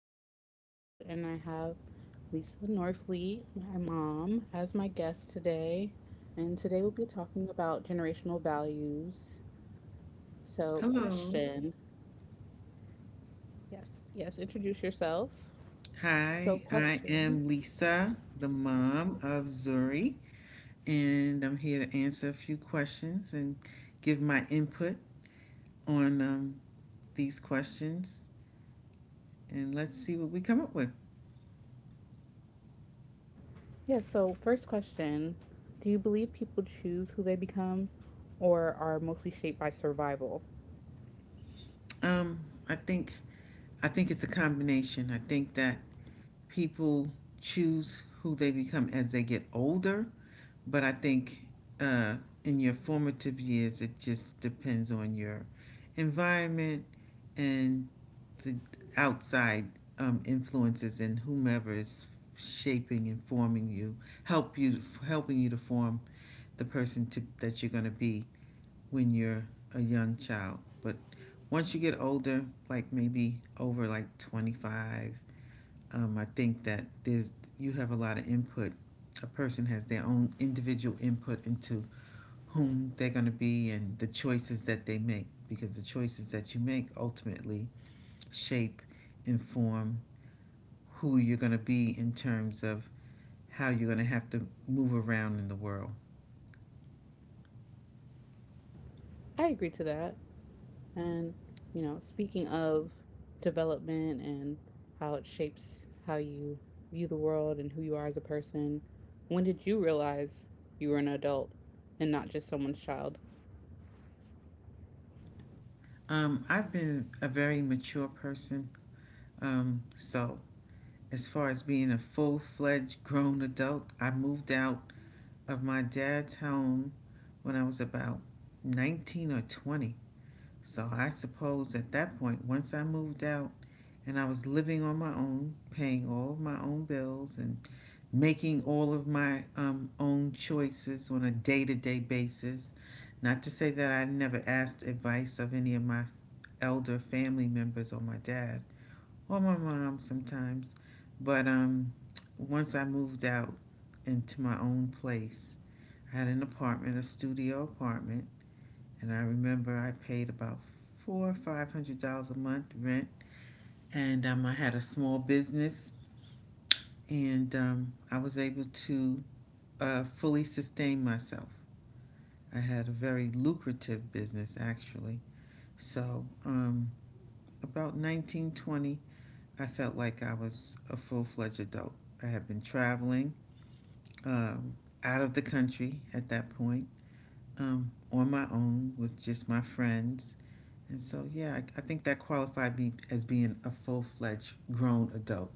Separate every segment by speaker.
Speaker 1: podcast episode, and I have Lisa Norfleet, my mom, as my guest today. And today we'll be talking about generational values. So,
Speaker 2: Hello.
Speaker 1: question Yes, yes, introduce yourself. So,
Speaker 2: Hi, I
Speaker 1: question
Speaker 2: am Lisa, the mom of Zuri, and I'm here to answer a few questions and give my input on these questions, and let's see what we come up with.
Speaker 1: yeah, so first question, do you believe people choose who they become or are mostly shaped by survival?
Speaker 2: Um, I think I think it's a combination. I think that people choose who they become as they get older, but I think uh, in your formative years, it just depends on your environment and the outside influences, and whomever is shaping and forming you help you helping you to form the person that you're going to be when you're a young child. But once you get older, like maybe over like 25, I think that there's you have a lot of input. A person has their own individual input into whom they're going to be, and the choices that they make, because the choices that you make ultimately shape inform who you're going to be in terms of how you're going to have to move around in the world.
Speaker 1: I agree to that. And, you know, speaking of development and how it shapes how you view the world and who you are as a person, when did you realize you were an adult and not just someone's child?
Speaker 2: I've been a very mature person, so as far as being a full fledged grown adult, I moved out of my dad's home when I was about 19 or 20. So I suppose at that point, once I moved out, and I was living on my own, paying all of my own bills and making all of my own choices on a day to day basis. Not to say that I never asked advice of any of my elder family members or my dad or my mom sometimes, but once I moved out into my own place, I had an apartment, a studio apartment, and I remember I paid about four or five hundred dollars a month rent, and I had a small business, and I was able to fully sustain myself. I had a very lucrative business, actually. So, about 1920, I felt like I was a full fledged adult. I had been traveling um, out of the country at that point, on my own with just my friends. And so, yeah, I think that qualified me as being a full fledged grown adult.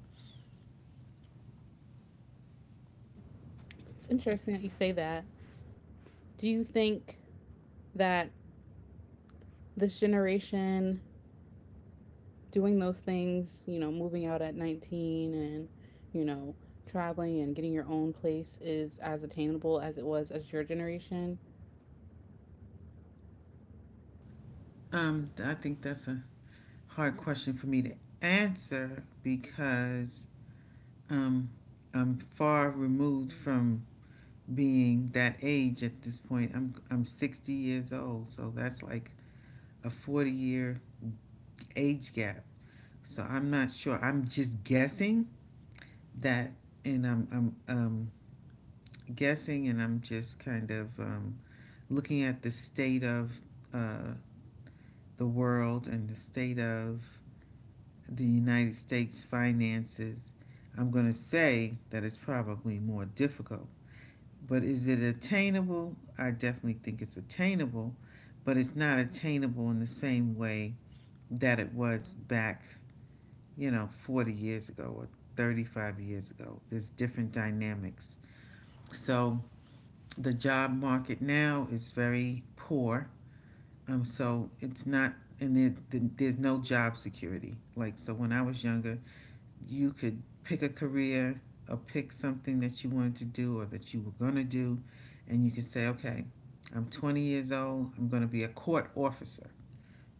Speaker 1: It's interesting that you say that. Do you think that this generation doing those things, you know, moving out at 19 and, you know, traveling and getting your own place is as attainable as it was as your generation?
Speaker 2: I think that's a hard question for me to answer, because um, I'm far removed from being that age at this point. I'm 60 years old, so that's like a 40-year age gap. So I'm not sure. I'm just guessing that, and I'm guessing, and I'm just kind of looking at the state of uh, the world and the state of the United States finances. I'm going to say that it's probably more difficult. But is it attainable? I definitely think it's attainable, but it's not attainable in the same way that it was back, you know, 40 years ago or 35 years ago. There's different dynamics. So the job market now is very poor. So it's not, and there's no job security. Like, so when I was younger, you could pick a career, or pick something that you wanted to do or that you were going to do, and you could say, okay, I'm 20 years old, I'm going to be a court officer,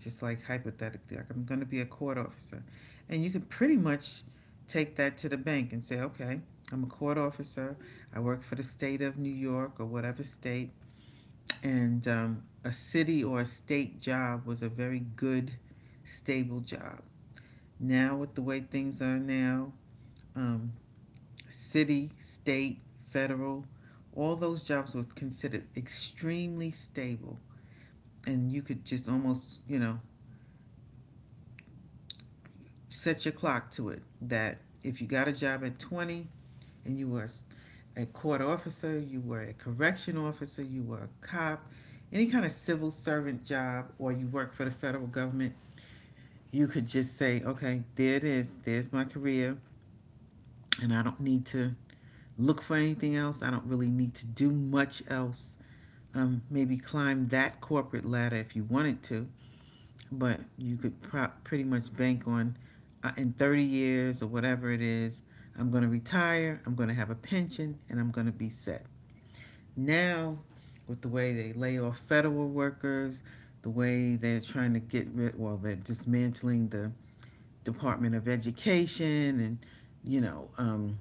Speaker 2: just like hypothetically, like I'm going to be a court officer. And you could pretty much take that to the bank and say, okay, I'm a court officer, I work for the state of New York or whatever state, and a city or a state job was a very good, stable job. Now, with the way things are now, um, city, state, federal, all those jobs were considered extremely stable. And you could just almost, you know, set your clock to it that if you got a job at 20 and you were a court officer, you were a correction officer, you were a cop, any kind of civil servant job, or you work for the federal government, you could just say, okay, there it is, there's my career, and I don't need to look for anything else. I don't really need to do much else, maybe climb that corporate ladder if you wanted to, but you could pretty much bank on, in 30 years or whatever it is, I'm going to retire, I'm going to have a pension, and I'm going to be set. Now, with the way they lay off federal workers, the way they're trying to get rid, well, they're dismantling the Department of Education and, you know,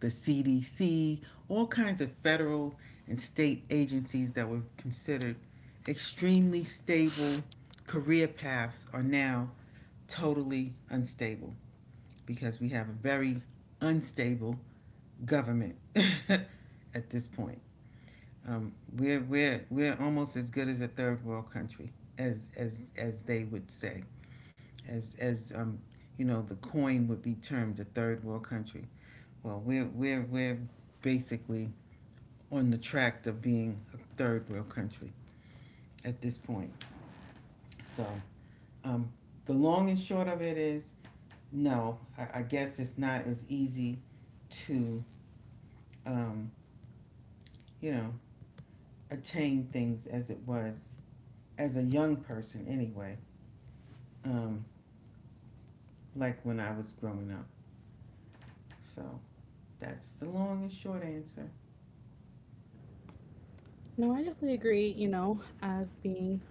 Speaker 2: the CDC, all kinds of federal and state agencies that were considered extremely stable career paths are now totally unstable, because we have a very unstable government at this point. We're almost as good as a third world country, as they would say, as you know, the coin would be termed, a third world country. Well, we're basically on the track of being a third world country at this point. So um, the long and short of it is no, I guess it's not as easy to, um, you know, attain things as it was as a young person anyway, um, like when I was growing up. So that's the long and short answer.
Speaker 1: No, I definitely agree, you know, as being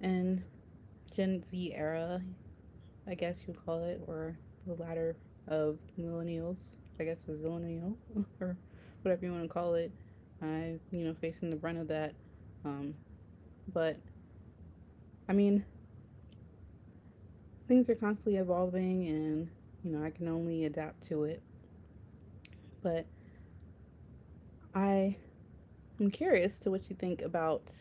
Speaker 1: and Gen Z era, I guess you'd call it, or the latter of millennials, I guess the zillennial, or whatever you want to call it. I, you know, facing the brunt of that. Um, but I mean, things are constantly evolving, and you know, I can only adapt to it. But I am curious to what you think about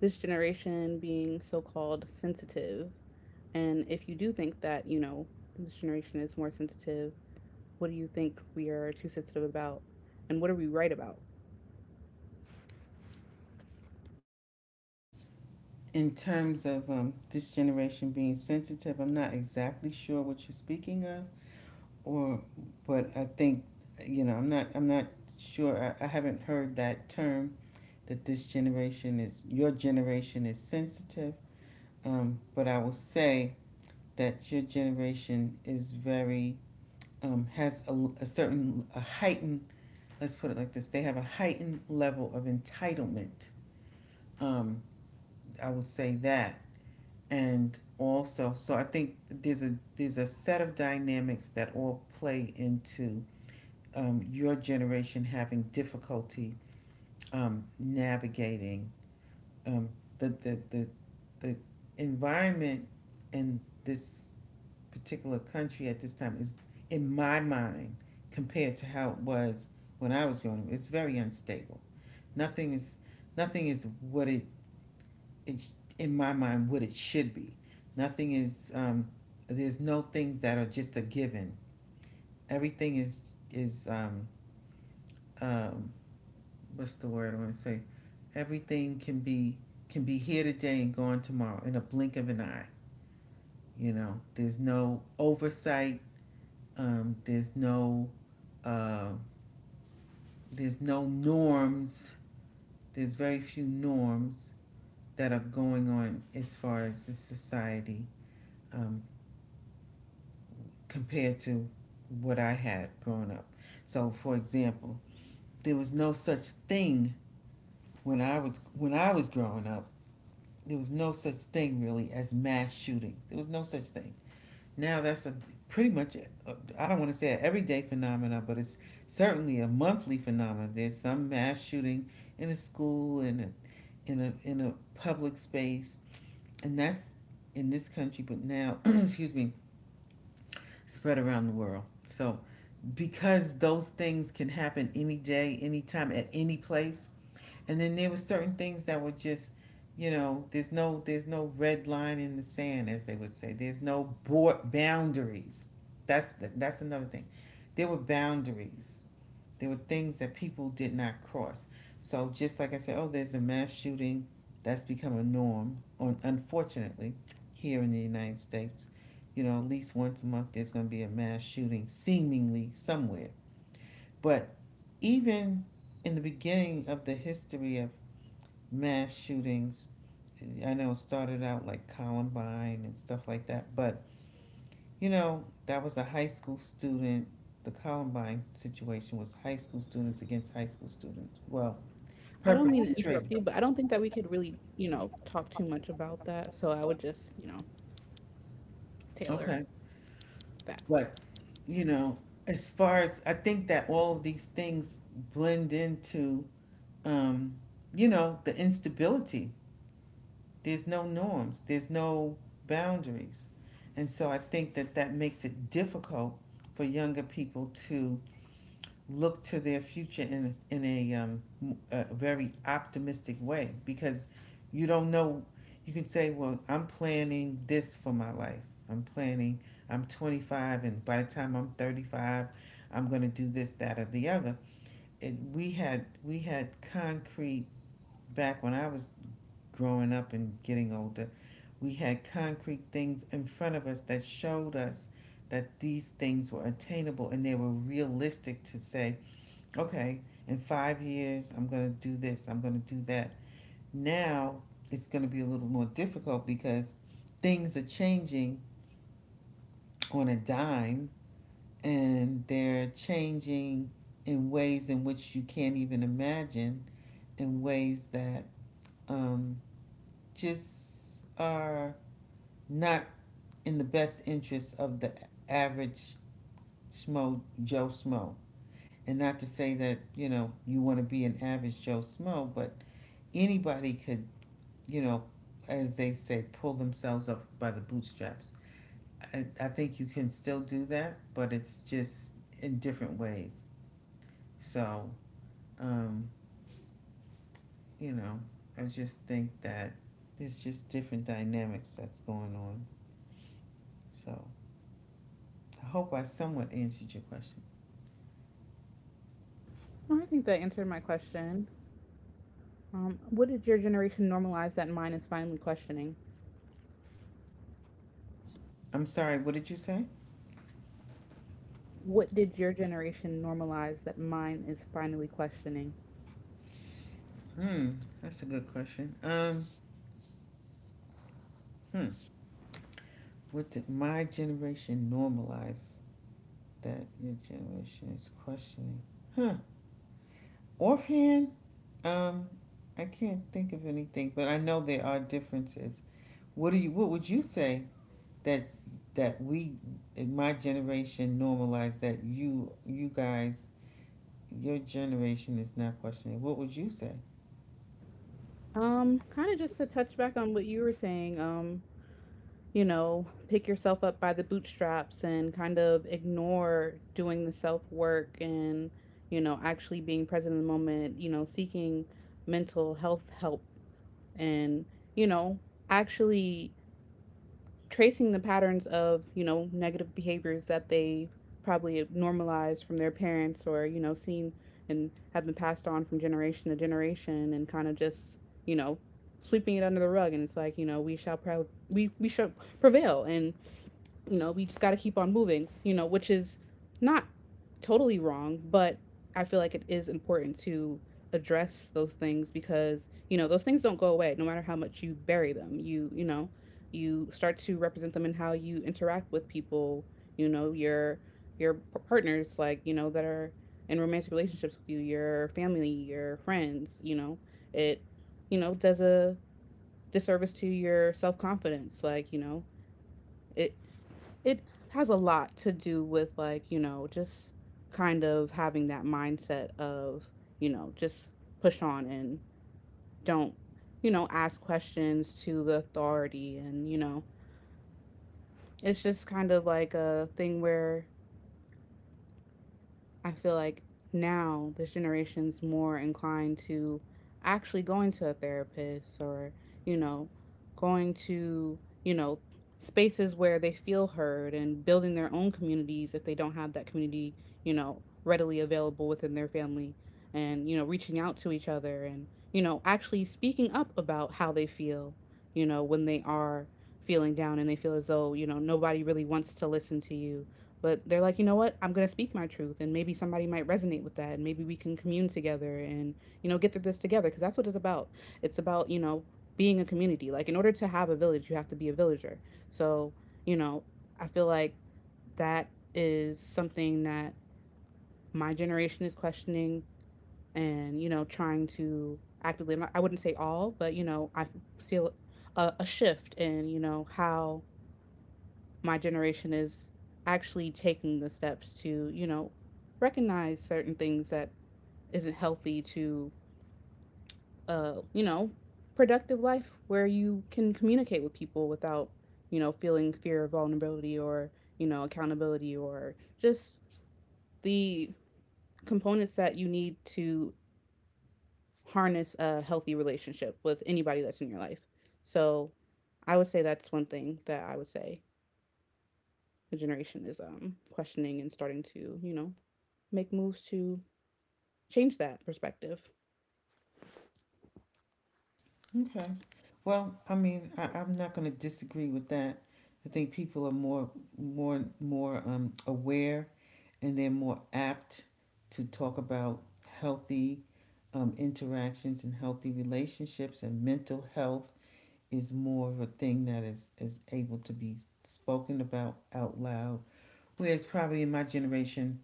Speaker 1: this generation being so called sensitive, and if you do think that, you know, this generation is more sensitive, what do you think we are too sensitive about and what are we right about?
Speaker 2: In terms of this generation being sensitive, I'm not exactly sure what you're speaking of. Or, but I think, you know, I'm not sure. I haven't heard that term that this generation is your generation is sensitive, but I will say that your generation is very um, has a, a certain, a heightened, let's put it like this, they have a heightened level of entitlement. um, I will say that. And also, so I think there's a, set of dynamics that all play into, your generation having difficulty navigating um, the, the, the, the environment in this particular country at this time is, in my mind, compared to how it was when I was growing up. It's very unstable. Nothing is, nothing is what it, it's in my mind, what it should be. Nothing is, there's no things that are just a given. Everything is um, what's the word I want to say? Everything can be, here today and gone tomorrow in a blink of an eye. You know, there's no oversight. Um, there's no uh, there's no norms. There's very few norms that are going on as far as the society, um, compared to what I had growing up. So, for example, there was no such thing when I was growing up, there was no such thing, really, as mass shootings. There was no such thing. Now that's a pretty much a, I don't want to say an everyday phenomena, but it's certainly a monthly phenomenon. There's some mass shooting in a school, in a, in a public space, and that's in this country, but now excuse me, spread around the world. So because those things can happen any day, any time, at any place. And then there were certain things that were just, you know, there's no red line in the sand, as they would say, there's no board boundaries. That's another thing, there were boundaries, there were things that people did not cross. So just like I said, oh, there's a mass shooting, that's become a norm, on unfortunately, here in the united states. You know, at least once a month there's going to be a mass shooting seemingly somewhere. But even in the beginning of the history of mass shootings, I know it started out like Columbine and stuff like that, but you know, that was a high school student. The Columbine situation was high school students against high school students. Well,
Speaker 1: I don't mean to interrupt
Speaker 2: perpetrated.
Speaker 1: you, but I don't think that we could really, you know, talk too much about that. So I would just, you know, tailor
Speaker 2: Okay.
Speaker 1: that.
Speaker 2: But, you know, as far as I think that all of these things blend into, um, you know, the instability. There's no norms, there's no boundaries. And so I think that that makes it difficult for younger people to look to their future in a, a very optimistic way, because you don't know. You can say, well, I'm planning this for my life. I'm planning, I'm 25, and by the time I'm 35, I'm going to do this, that, or the other. It, we had concrete, back when I was growing up and getting older, we had concrete things in front of us that showed us that these things were attainable and they were realistic, to say, okay, in 5 years, I'm going to do this, I'm going to do that. Now it's going to be a little more difficult, because things are changing on a dime, and they're changing in ways in which you can't even imagine, in ways that um, just are not in the best interest of the average Smo Joe Smo. And not to say that, you know, you want to be an average Joe Smo, but anybody could, you know, as they say, pull themselves up by the bootstraps. I think you can still do that, but it's just in different ways. So, um, you know, I just think that there's just different dynamics that's going on. So I hope I somewhat answered your question.
Speaker 1: Well, I think that answered my question. What did your generation normalize that mine is finally questioning?
Speaker 2: I'm sorry, what did you say?
Speaker 1: What did your generation normalize that mine is finally questioning?
Speaker 2: Hmm, that's a good question. Hmm. What did my generation normalize that your generation is questioning? Huh. Offhand, um, I can't think of anything, but I know there are differences. What do you? What would you say that we, in my generation, normalize that you guys, your generation is not questioning? What would you say?
Speaker 1: Kind of just to touch back on what you were saying, you know, pick yourself up by the bootstraps and kind of ignore doing the self work and, you know, actually being present in the moment, you know, seeking mental health help and, you know, actually tracing the patterns of, you know, negative behaviors that they probably normalized from their parents or, you know, seen and have been passed on from generation to generation and kind of just, you know, sweeping it under the rug and it's like, you know, we shall pro- we shall prevail and you know, we just got to keep on moving, you know, which is not totally wrong, but I feel like it is important to address those things because, you know, those things don't go away no matter how much you bury them. You know, you start to represent them in how you interact with people, you know, your partners like, you know, that are in romantic relationships with you, your family, your friends, you know. It, you know, does a disservice to your self-confidence like, you know, it it has a lot to do with like you know just kind of having that mindset of you know just push on and don't you know ask questions to the authority and you know it's just kind of like a thing where I feel like now this generation's more inclined to actually going to a therapist or, you know, going to, you know, spaces where they feel heard and building their own communities if they don't have that community, you know, readily available within their family and, you know, reaching out to each other and, you know, actually speaking up about how they feel, you know, when they are feeling down and they feel as though, you know, nobody really wants to listen to you but they're like, you know what? I'm going to speak my truth, and maybe somebody might resonate with that, and maybe we can commune together and, you know, get through this together because that's what it's about. It's about, you know, being a community. Like, in order to have a village, you have to be a villager. So, you know, I feel like that is something that my generation is questioning and, you know, trying to actively, I wouldn't say all, but, you know, I feel a shift in, you know, how my generation is actually taking the steps to, you know, recognize certain things that isn't healthy to, you know, productive life where you can communicate with people without, you know, feeling fear of vulnerability or, you know, accountability or just the components that you need to harness a healthy relationship with anybody that's in your life. So I would say that's one thing that I would say the generation is questioning and starting to, you know, make moves to change that perspective.
Speaker 2: Okay. Well, I mean, I'm not going to disagree with that. I think people are more aware, and they're more apt to talk about healthy interactions and healthy relationships, and mental health is more of a thing that is able to be spoken about out loud. Whereas probably in my generation,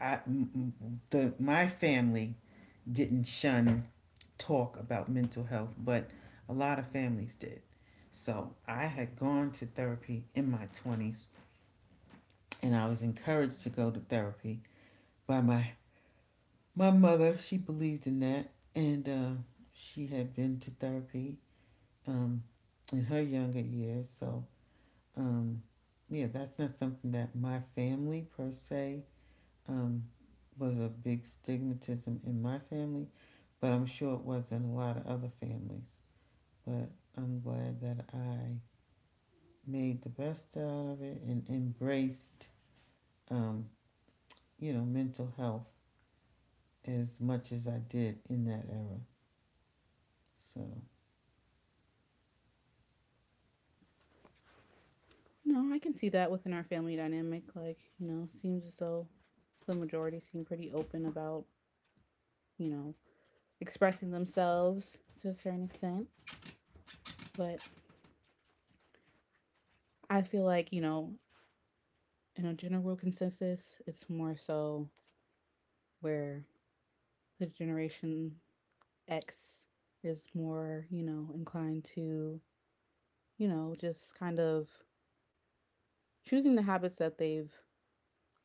Speaker 2: I m- m- the my family didn't shun talk about mental health, but a lot of families did. So I had gone to therapy in my 20s and I was encouraged to go to therapy by my mother. She believed in that and she had been to therapy um, in her younger years. So, um, yeah, that's not something that my family per se um, was a big stigmatism in my family, but I'm sure it was in a lot of other families. But I'm glad that I made the best out of it and embraced, um, you know, mental health as much as I did in that era. So,
Speaker 1: No, I can see that within our family dynamic. Like, you know, seems as though the majority seem pretty open about, you know, expressing themselves to a certain extent. But I feel like, you know, in a general consensus, it's more so where the Generation X is more, you know, inclined to, you know, just kind of choosing the habits that they've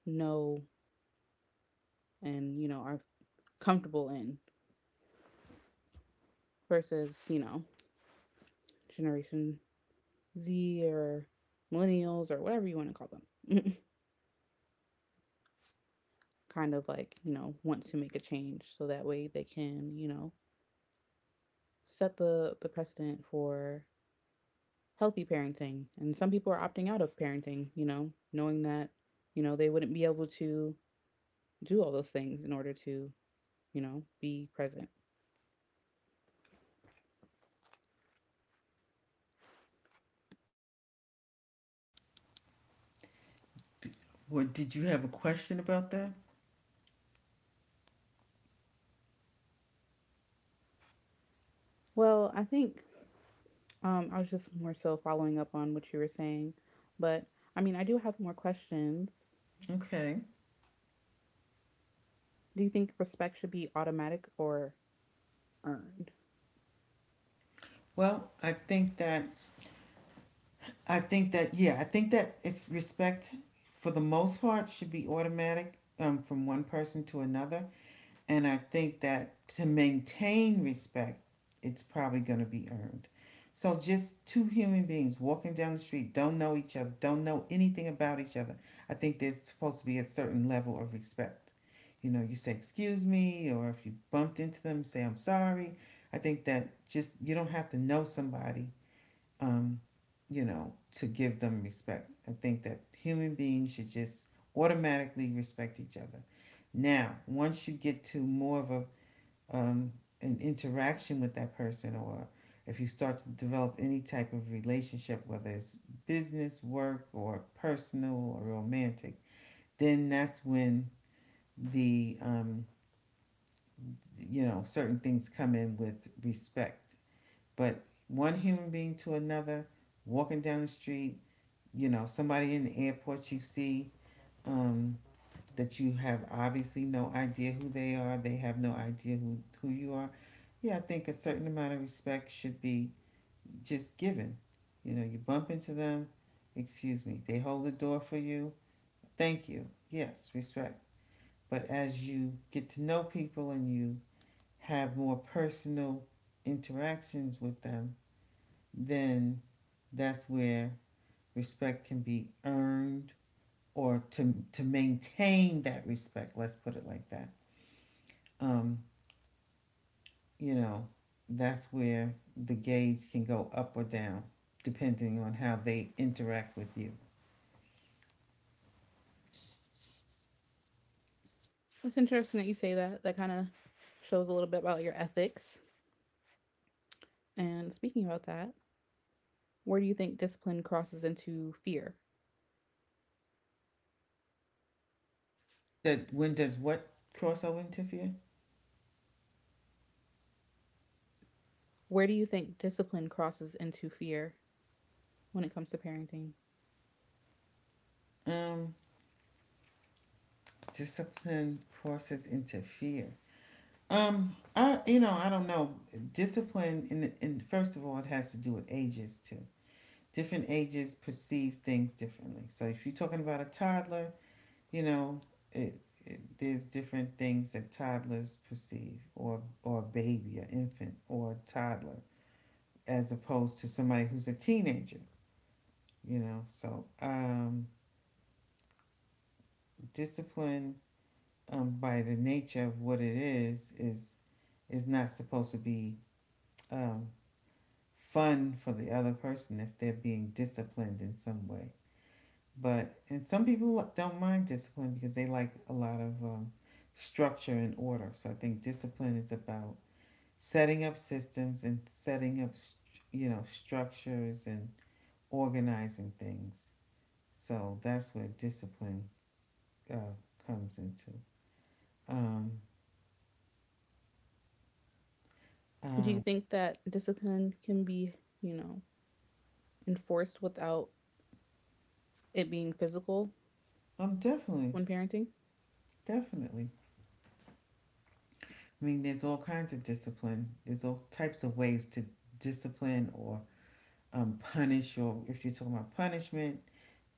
Speaker 1: know and, you know, are comfortable in versus, you know, Generation Z or millennials or whatever you want to call them. Kind of like, you know, want to make a change so that way they can, you know, set the precedent for healthy parenting. And some people are opting out of parenting, you know, knowing that, you know, they wouldn't be able to do all those things in order to, you know, be present.
Speaker 2: what did you have a question about that?
Speaker 1: Well, I think I was just more so following up on what you were saying. But I mean, I do have more questions.
Speaker 2: Okay.
Speaker 1: Do you think respect should be automatic or earned?
Speaker 2: Well, I think that I think that it's respect for the most part should be automatic from one person to another, and I think that to maintain respect, it's probably going to be earned. So just two human beings walking down the street don't know each other, don't know anything about each other. I think there's supposed to be a certain level of respect. You know, you say excuse me, or if you bumped into them, say I'm sorry. I think that just you don't have to know somebody, um, you know, to give them respect. I think that human beings should just automatically respect each other. Now, once you get to more of a, um, an interaction with that person, or if you start to develop any type of relationship, whether it's business, work, or personal or romantic, then that's when the you know, certain things come in with respect. But one human being to another, walking down the street, you know, somebody in the airport you see, um, that you have obviously no idea who they are, they have no idea who you are. Yeah, I think a certain amount of respect should be just given. You know, you bump into them, excuse me, they hold the door for you, thank you, yes, respect. But as you get to know people and you have more personal interactions with them, then that's where respect can be earned, or to maintain that respect, let's put it like that. um you know, that's where the gauge can go up or down depending on how they interact with you.
Speaker 1: It's interesting that you say that. That kind of shows a little bit about your ethics. And speaking about that, where do you think discipline crosses into fear?
Speaker 2: That, when does what crossover interfere?
Speaker 1: Where do you think discipline crosses into fear when it comes to parenting?
Speaker 2: um discipline crosses interfere. Um, I, you know, I don't know. Discipline in, first of all, it has to do with ages too. Different ages perceive things differently, so if you're talking about a toddler, you know, it, it, there's different things that toddlers perceive, or a baby, an infant, or a toddler, as opposed to somebody who's a teenager. You know, so discipline, by the nature of what it is, is not supposed to be um, fun for the other person if they're being disciplined in some way. But, and some people don't mind discipline because they like a lot of structure and order. So I think discipline is about setting up systems and setting up, you know, structures and organizing things. So that's where discipline uh, comes into um,
Speaker 1: Do
Speaker 2: uh,
Speaker 1: you think that discipline can be, you know, enforced without it being physical
Speaker 2: um, definitely.
Speaker 1: when parenting?
Speaker 2: Definitely. I mean, there's all kinds of discipline, there's all types of ways to discipline, or punish, or if you're talking about punishment,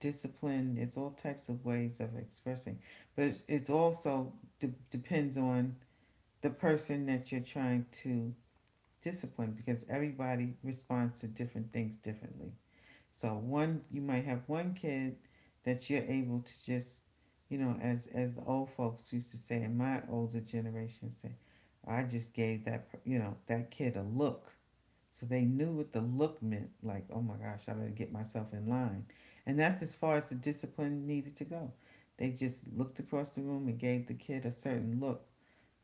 Speaker 2: discipline, there's all types of ways of expressing. But it's also depends on the person that you're trying to discipline because everybody responds to different things differently. So one you might have one kid that you're able to just, you know, as the old folks used to say in my older generation say, I just gave that, you know, that kid a look. So they knew what the look meant, like, oh my gosh, I better get myself in line. And that's as far as the discipline needed to go. They just looked across the room and gave the kid a certain look,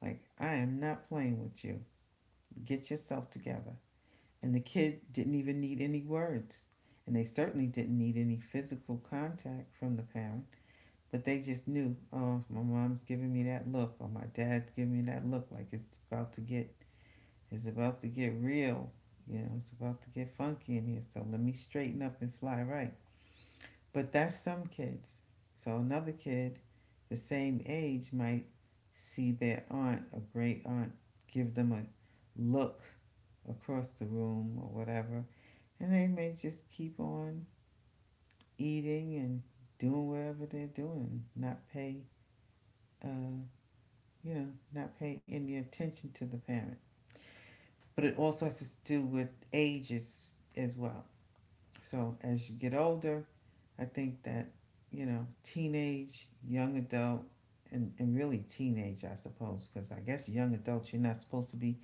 Speaker 2: like, I am not playing with you. Get yourself together. And the kid didn't even need any words. And they certainly didn't need any physical contact from the parent. But they just knew, oh, my mom's giving me that look, or my dad's giving me that look, like it's about to get real. You know, it's about to get funky in here. So let me straighten up and fly right. But that's some kids. So another kid, the same age, might see their aunt, a great aunt, give them a look across the room or whatever, and they may just keep on eating and doing whatever they're doing, not pay, uh, you know, not pay any attention to the parent. But it also has to do with ages as well. So as you get older, I think that, you know, teenage, young adult, and really teenage, I suppose, because I guess young adults, you're not supposed to be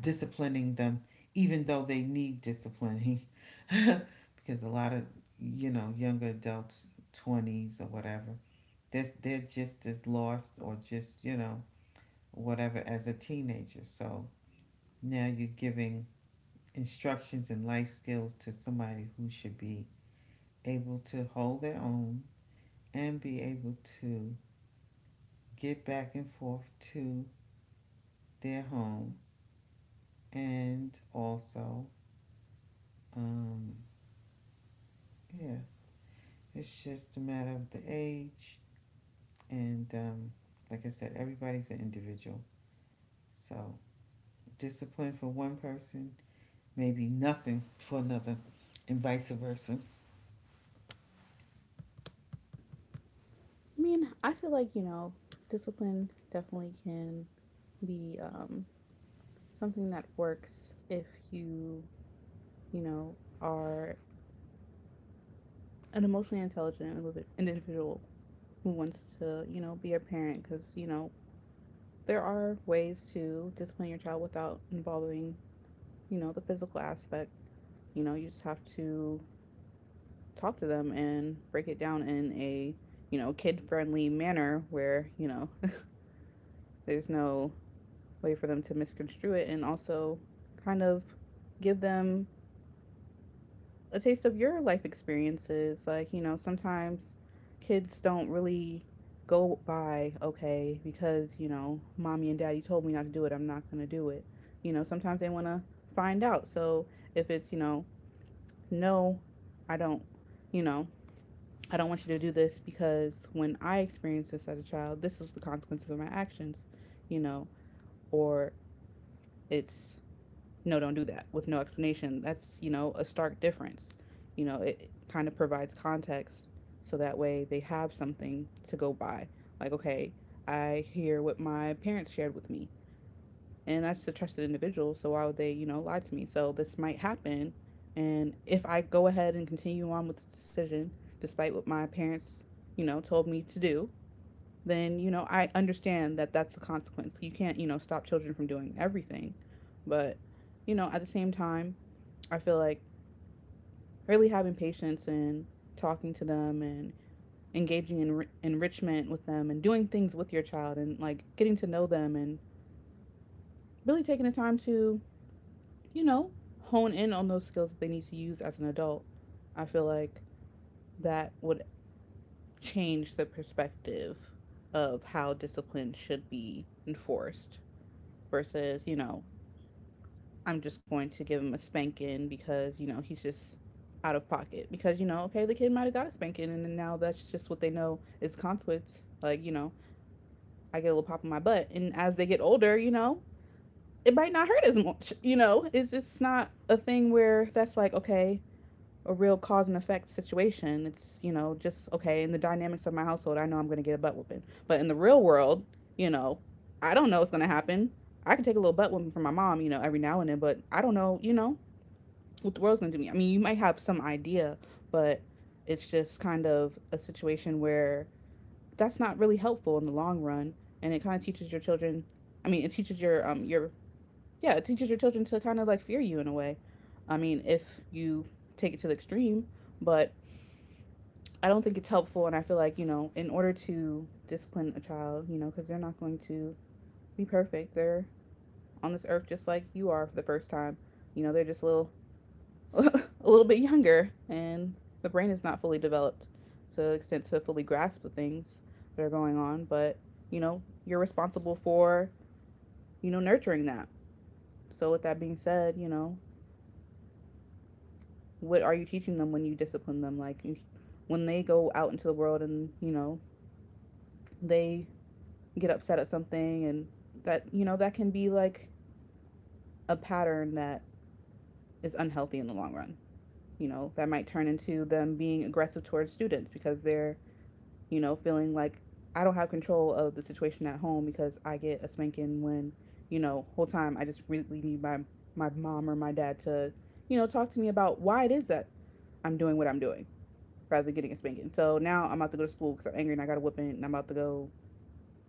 Speaker 2: disciplining them, even though they need disciplining. Because a lot of, you know, younger adults, 20s or whatever, they're just as lost or just, you know, whatever as a teenager. So now you're giving instructions and life skills to somebody who should be able to hold their own and be able to get back and forth to their home, and also um, yeah, it's just a matter of the age. And like I said, everybody's an individual. So discipline for one person may be nothing for another, and vice versa.
Speaker 1: I mean, I feel like, you know, discipline definitely can be, something that works if you you know, are an emotionally intelligent individual who wants to, you know, be a parent because, you know, there are ways to discipline your child without involving, you know, the physical aspect. You know, you just have to talk to them and break it down in a, you know, kid friendly manner where, you know, there's no way for them to misconstrue it and also kind of give them a taste of your life experiences. Like, you know, sometimes kids don't really go by, okay, because, you know, mommy and daddy told me not to do it, I'm not going to do it. You know, sometimes they want to find out. So if it's, you know, no, I don't, you know, I don't want you to do this because when I experienced this as a child, this was the consequences of my actions, you know, or it's no, don't do that with no explanation. That's, you know, a stark difference. You know, it kind of provides context so that way they have something to go by. Like, okay, I hear what my parents shared with me, and that's a trusted individual, so why would they, you know, lie to me? So this might happen, and if I go ahead and continue on with the decision, despite what my parents, you know, told me to do, then, you know, I understand that that's the consequence. You can't, you know, stop children from doing everything, but you know, at the same time, I feel like really having patience and talking to them and engaging in enrichment with them and doing things with your child and like getting to know them and really taking the time to, you know, hone in on those skills that they need to use as an adult. I feel like that would change the perspective of how discipline should be enforced versus, you know, I'm just going to give him a spanking because, you know, he's just out of pocket. Because, you know, okay, the kid might have got a spanking and now that's just what they know is consequence. Like, you know, I get a little pop in my butt. And as they get older, you know, it might not hurt as much. You know, it's not a thing where that's like, okay, a real cause and effect situation. It's, you know, just, okay, in the dynamics of my household, I know I'm going to get a butt whooping. But in the real world, you know, I don't know what's going to happen. I can take a little butt whooping from my mom, you know, every now and then, but I don't know, you know, what the world's gonna do to me. I mean, you might have some idea, but it's just kind of a situation where that's not really helpful in the long run, and it kind of teaches your children. I mean, it teaches your it teaches your children to kind of like fear you in a way. I mean, if you take it to the extreme, but I don't think it's helpful, and I feel like you know, in order to discipline a child, you know, because they're not going to be perfect. They're on this earth just like you are for the first time. You know, they're just little a little bit younger and the brain is not fully developed to the extent to fully grasp the things that are going on, but you know you're responsible for, you know, nurturing that. So with that being said, you know, what are you teaching them when you discipline them, like when they go out into the world and, you know, they get upset at something, and that, you know, that can be like a pattern that is unhealthy in the long run. You know, that might turn into them being aggressive towards students because they're, you know, feeling like I don't have control of the situation at home because I get a spanking when, you know, whole time I just really need my mom or my dad to, you know, talk to me about why it is that I'm doing what I'm doing rather than getting a spanking. So now I'm about to go to school because I'm angry and I got a whipping, and I'm about to go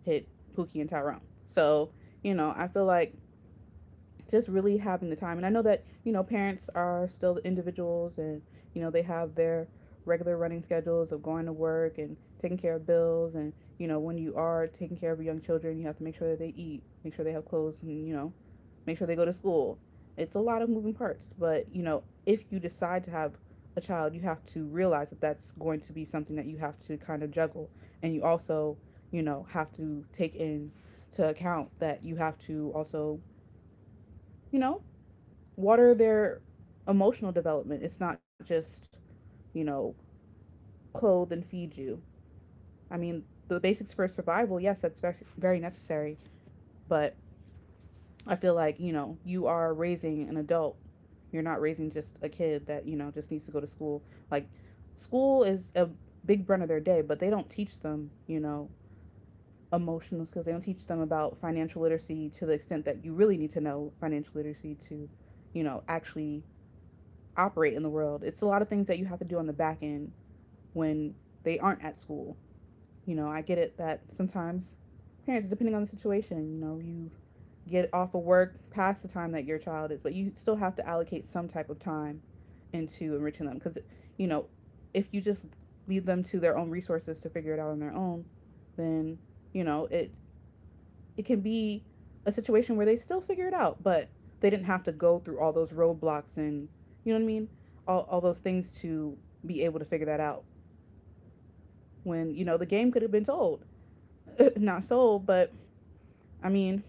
Speaker 1: hit Pookie and Tyrone. So, you know, I feel like just really having the time. And I know that, you know, parents are still individuals, and, you know, they have their regular running schedules of going to work and taking care of bills. And, you know, when you are taking care of young children, you have to make sure that they eat, make sure they have clothes, and, you know, make sure they go to school. It's a lot of moving parts. But, you know, if you decide to have a child, you have to realize that that's going to be something that you have to kind of juggle. And you also, you know, have to take into account that you have to also, you know, water their emotional development. It's not just, you know, clothe and feed you. I mean, the basics for survival, yes, that's very, very necessary. But I feel like, you know, you are raising an adult. You're not raising just a kid that, you know, just needs to go to school. Like, school is a big brunt of their day, but they don't teach them, you know, emotional skills. They don't teach them about financial literacy to the extent that you really need to know financial literacy to, you know, actually operate in the world. It's a lot of things that you have to do on the back end when they aren't at school. You know, I get it that sometimes parents, depending on the situation, you know, you get off of work past the time that your child is, but you still have to allocate some type of time into enriching them because, you know, if you just leave them to their own resources to figure it out on their own, then, you know, it can be a situation where they still figure it out, but they didn't have to go through all those roadblocks and, you know what I mean? All those things to be able to figure that out. When you know the game could have been sold, not sold, but I mean,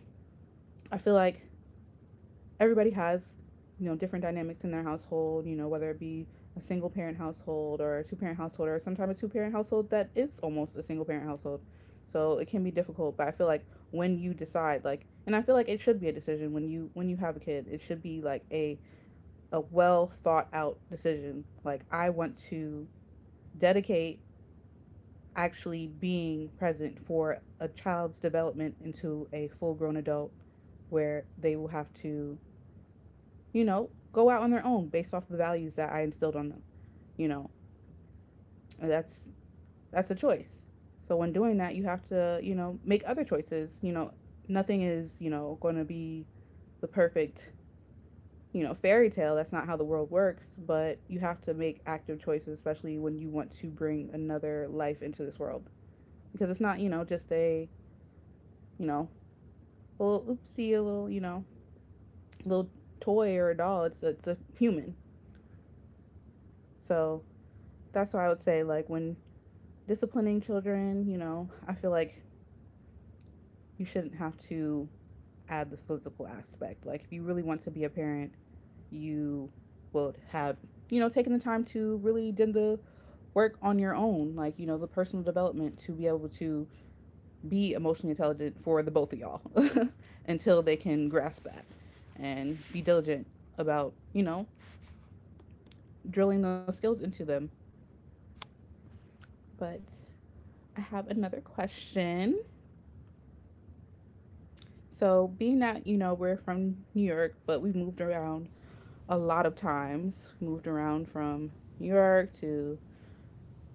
Speaker 1: I feel like everybody has, you know, different dynamics in their household, you know, whether it be a single parent household or a two parent household, or sometimes a two parent household that is almost a single parent household. So it can be difficult, but I feel like when you decide like, and I feel like it should be a decision when you have a kid, it should be like a well thought out decision. Like I want to dedicate actually being present for a child's development into a full grown adult, where they will have to, you know, go out on their own based off the values that I instilled on them, you know. And that's a choice. So when doing that, you have to, you know, make other choices. You know, nothing is, you know, going to be the perfect, you know, fairy tale. That's not how the world works, but you have to make active choices, especially when you want to bring another life into this world, because it's not, you know, just a, you know, a little oopsie, a little, you know, little toy or a doll. It's a human. So that's why I would say, like, when disciplining children, you know, I feel like you shouldn't have to add the physical aspect. Like, if you really want to be a parent, you will have, you know, taken the time to really do the work on your own, like, you know, the personal development to be able to be emotionally intelligent for the both of y'all until they can grasp that, and be diligent about, you know, drilling those skills into them. But I have another question. So, being that, you know, we're from New York, but we moved around a lot of times, we moved around from New York to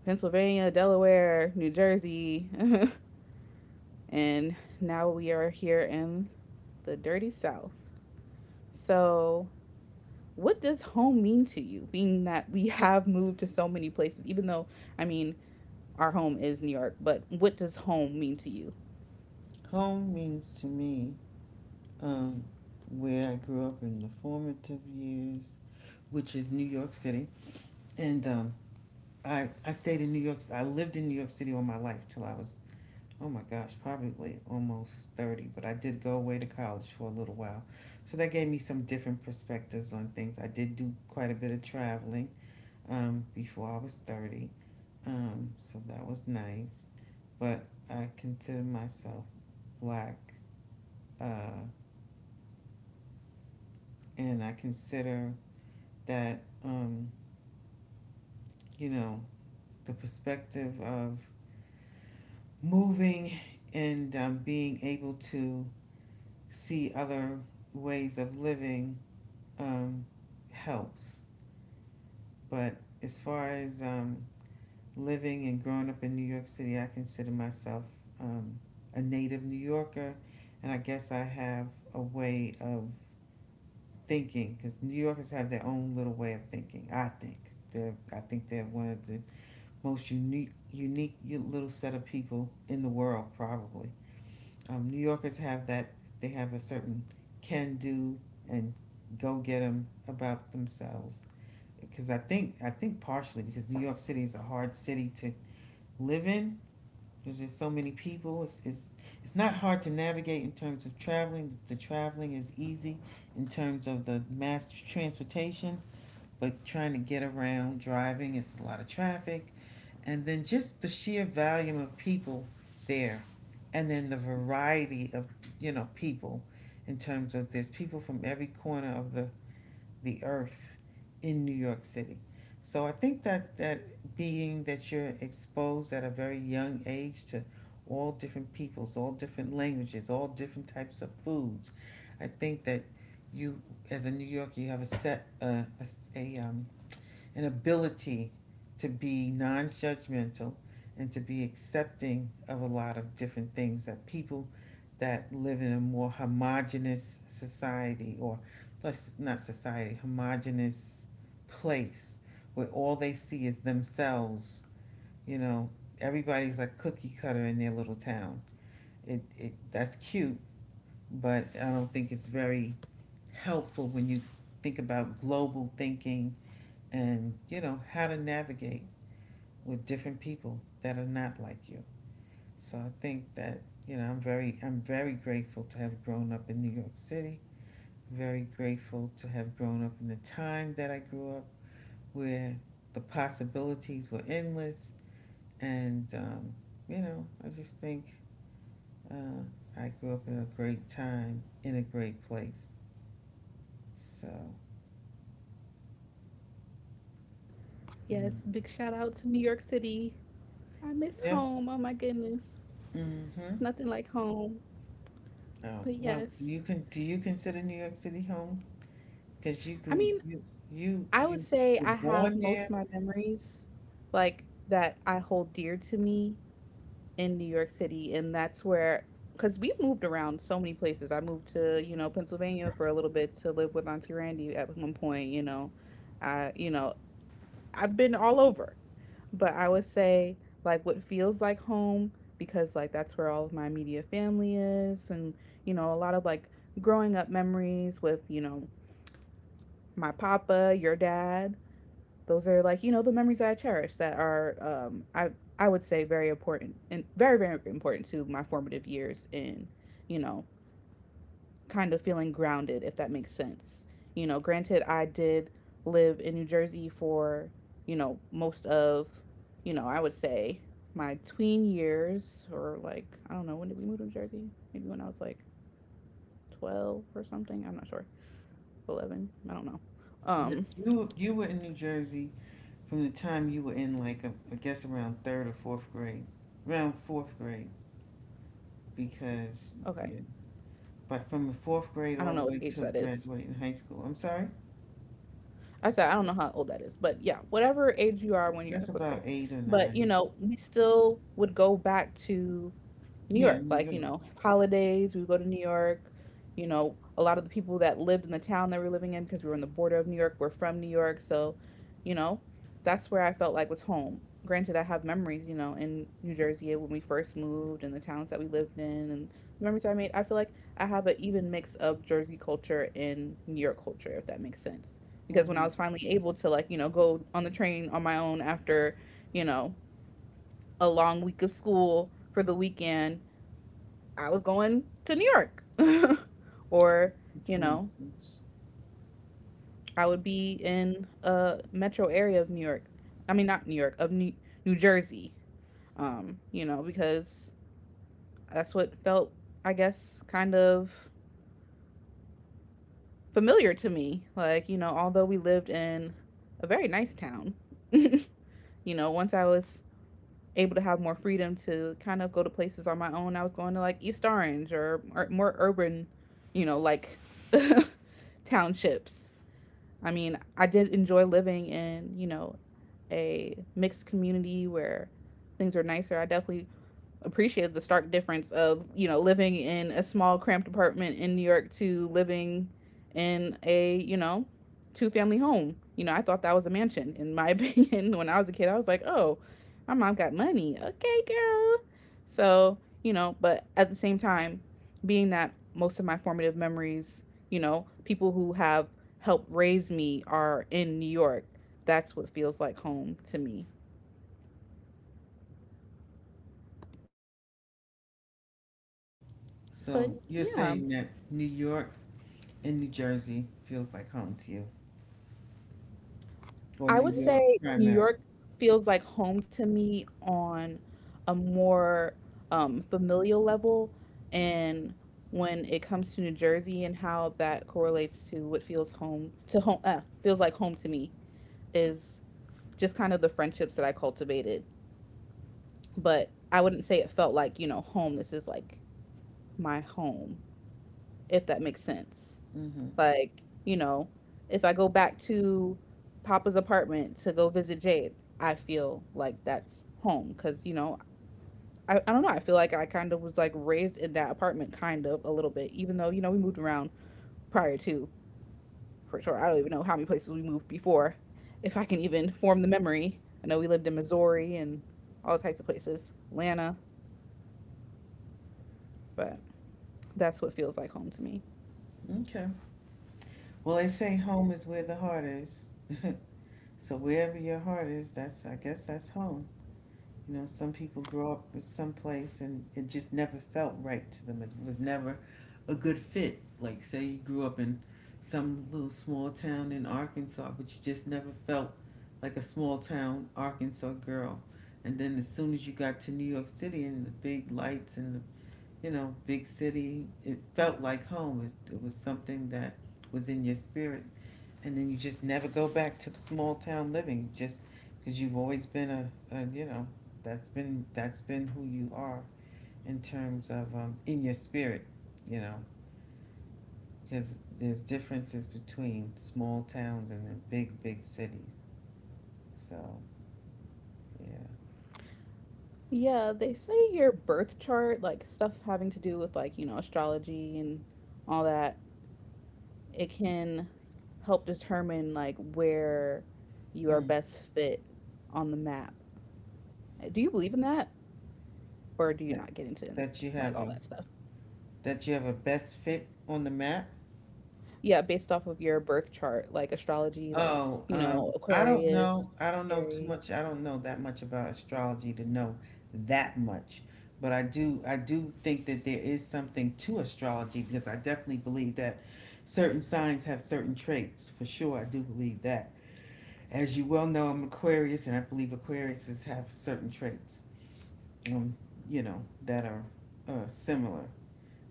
Speaker 1: Pennsylvania, Delaware, New Jersey, and now we are here in the dirty South. So, what does home mean to you, being that we have moved to so many places, even though, I mean, our home is New York, but what does home mean to you?
Speaker 2: Home means to me, um, where I grew up in the formative years, which is New York City. And I stayed in New York. I lived in New York City all my life till I was, oh my gosh, probably almost 30, but I did go away to college for a little while. So that gave me some different perspectives on things. I did do quite a bit of traveling before I was 30, so that was nice. But I consider myself black, uh, and I consider that, you know, the perspective of moving and, being able to see other ways of living um, helps. But as far as living and growing up in New York City, I consider myself um, a native New Yorker, and I guess I have a way of thinking because New Yorkers have their own little way of thinking. I think they're, I think they're one of the most unique little set of people in the world probably. New Yorkers have that, they have a certain can do and go get 'em about themselves, because I think partially because New York City is a hard city to live in. There's just so many people. It's not hard to navigate in terms of traveling. The traveling is easy in terms of the mass transportation, but trying to get around driving, it's a lot of traffic, and then just the sheer volume of people there, and then the variety of, you know, people, in terms of there's people from every corner of the earth in New York City. So I think that being that you're exposed at a very young age to all different peoples, all different languages, all different types of foods, I think that you as a New Yorker you have a set a um, an ability to be non-judgmental and to be accepting of a lot of different things that people that live in a more homogenous society or, let's not society, homogenous place where all they see is themselves. you know Everybody's like cookie cutter in their little town. It that's cute, but I don't think it's very helpful when you think about global thinking and how to navigate with different people that are not like you. So I think that, I'm very grateful to have grown up in New York City, very grateful to have grown up in the time that I grew up, where the possibilities were endless. And, um, you know, I just think, uh, I grew up in a great time, in a great place. So, mm.
Speaker 1: Yes, big shout out to New York City. I miss
Speaker 2: Yep.
Speaker 1: home. Oh my goodness. It's
Speaker 2: Mm-hmm.
Speaker 1: nothing like home.
Speaker 2: Oh,
Speaker 1: But
Speaker 2: well, do you,
Speaker 1: yes.
Speaker 2: can do you consider New York City home? Because
Speaker 1: I mean,
Speaker 2: you
Speaker 1: I would
Speaker 2: you
Speaker 1: say
Speaker 2: were
Speaker 1: I have
Speaker 2: born
Speaker 1: most
Speaker 2: there.
Speaker 1: of my memories like that I hold dear to me in New York City, and that's where, cuz we've moved around so many places. I moved to, you know, Pennsylvania for a little bit to live with Auntie Randy at one point, you know. I, you know, I've been all over. But I would say like what feels like home, because like that's where all of my immediate family is, and you know, a lot of like growing up memories with, you know, my papa, your dad. Those are like, you know, the memories that I cherish that are I would say very important and very, very important to my formative years in, you know, kind of feeling grounded, if that makes sense. You know, granted, I did live in New Jersey for, you know, most of, you know, I would say my tween years, or like, I don't know, when did we move to New Jersey? Maybe when I was like 12 or something. I'm not sure. 11. I don't know. Um,
Speaker 2: You were in New Jersey from the time you were in like a, I guess around third or fourth grade, around fourth grade because,
Speaker 1: okay.
Speaker 2: yeah, but from the fourth grade
Speaker 1: I don't
Speaker 2: all the
Speaker 1: know what
Speaker 2: way
Speaker 1: age
Speaker 2: to
Speaker 1: that is.
Speaker 2: graduating high school. I'm sorry,
Speaker 1: I said, I don't know how old that is, but yeah, whatever age you are when you're in
Speaker 2: that's
Speaker 1: fourth
Speaker 2: about
Speaker 1: grade.
Speaker 2: eight or
Speaker 1: But, you
Speaker 2: nine.
Speaker 1: know, we still would go back to New
Speaker 2: Yeah,
Speaker 1: York.
Speaker 2: New
Speaker 1: Like, you
Speaker 2: York,
Speaker 1: know, holidays, we would go to New York. You know, a lot of the people that lived in the town that we were living in, because we were on the border of New York, were from New York. So, you know, that's where I felt like was home. Granted, I have memories, you know, in New Jersey when we first moved, and the towns that we lived in and the memories I made. I feel like I have an even mix of Jersey culture and New York culture, if that makes sense. Because when I
Speaker 2: hmm,
Speaker 1: was finally able to, like, you know, go on the train on my own after, you know, a long week of school for the weekend, I was going to New York, or,
Speaker 2: which
Speaker 1: you
Speaker 2: makes
Speaker 1: know,
Speaker 2: sense.
Speaker 1: I would be in a metro area of New York. I mean, not New York, of New Jersey. You know, because that's what felt, I guess, kind of familiar to me. Like, you know, although we lived in a very nice town, you know, once I was able to have more freedom to kind of go to places on my own, I was going to like East Orange, or more urban, you know, like townships. I mean, I did enjoy living in, you know, a mixed community where things were nicer. I definitely appreciated the stark difference of, you know, living in a small cramped apartment in New York to living in a, you know, two family home. You know, I thought that was a mansion. In my opinion, when I was a kid, I was like, oh, my mom got money. Okay, girl. But at the same time, being that most of my formative memories, people who have helped raise me are in New York. That's what feels like home to me. But
Speaker 2: So you're
Speaker 1: yeah,
Speaker 2: saying that New York and New Jersey feels like home to you, or
Speaker 1: I
Speaker 2: New
Speaker 1: would
Speaker 2: York
Speaker 1: say New
Speaker 2: primarily.
Speaker 1: York feels like home to me on a more familial level. And when it comes to New Jersey and how that correlates to what feels feels like home to me is just kind of the friendships that I cultivated. But I wouldn't say it felt like, you know, home. This is like my home, if that makes sense.
Speaker 2: Mm-hmm.
Speaker 1: Like, you know, if I go back to Papa's apartment to go visit Jade, I feel like that's home because, I don't know. I feel like I kind of was like raised in that apartment, kind of a little bit, even though, we moved around prior to for sure. I don't even know how many places we moved before, if I can even form the memory. I know we lived in Missouri and all types of places, Atlanta, but that's what feels like home to me.
Speaker 2: Okay. Well, they say home is where the heart is. So wherever your heart is, that's, I guess, that's home. You know, some people grow up with some place and it just never felt right to them. It was never a good fit. Like say you grew up in some little small town in Arkansas, but you just never felt like a small town Arkansas girl. And then as soon as you got to New York City and the big lights and the, you know, big city, it felt like home. It was something that was in your spirit, and then you just never go back to the small town living just because you've always been a you know, that's been, that's been who you are in terms of, in your spirit, you know, because there's differences between small towns and then big big cities. So yeah.
Speaker 1: Yeah, they say your birth chart, like stuff having to do with like, astrology and all that, it can help determine like where you are
Speaker 2: Mm.
Speaker 1: best fit on the map. Do you believe in that or do you
Speaker 2: that,
Speaker 1: not get into
Speaker 2: that you
Speaker 1: like
Speaker 2: have
Speaker 1: all
Speaker 2: a
Speaker 1: that stuff?
Speaker 2: that you have a best fit on the map.
Speaker 1: Yeah, based off of your birth chart, like astrology, like,
Speaker 2: Oh, I don't
Speaker 1: Aquarius,
Speaker 2: know. I don't know too
Speaker 1: Aries.
Speaker 2: much. I don't know that much about astrology to know that much. But I do think that there is something to astrology because I definitely believe that certain signs have certain traits. For sure, I do believe that. As you well know, I'm Aquarius, and I believe Aquariuses have certain traits, um, you know, that are, similar.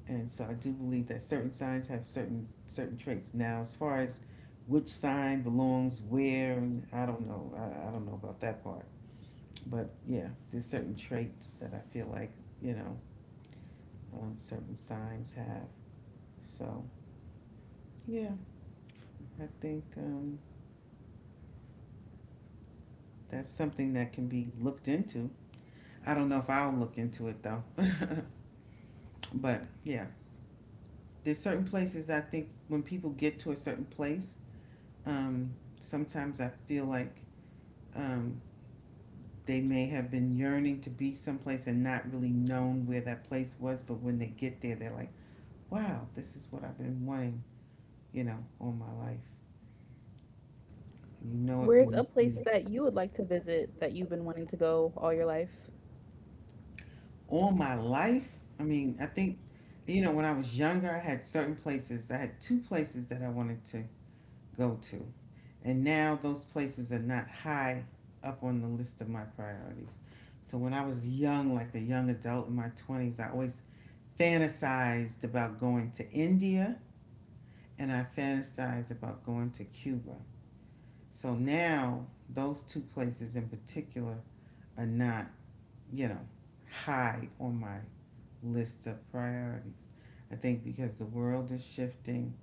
Speaker 2: And so I do believe that certain signs have certain traits. Now, as far as which sign belongs where, and I don't know. I don't know about that part. But yeah, there's certain traits that I feel like, you know certain signs have. So yeah, I think, that's something that can be looked into. I don't know if I'll look into it though. but yeah, there's certain places, I think when people get to a certain place, um, sometimes I feel like, um, they may have been yearning to be someplace and not really known where that place was, but when they get there, they're like, wow, this is what I've been wanting, you know, all my life. And you know it
Speaker 1: Where's a
Speaker 2: when
Speaker 1: place that
Speaker 2: you-
Speaker 1: you would like to visit that you've been wanting to go all your life?
Speaker 2: all my life. I mean, I think, you know, when I was younger, I had certain places, I had two places that I wanted to go to. And now those places are not high up on the list of my priorities. So when I was young, like a young adult in my 20s, I always fantasized about going to India, and I fantasized about going to Cuba. So now those two places in particular are not, you know, high on my list of priorities. I think because the world is shifting,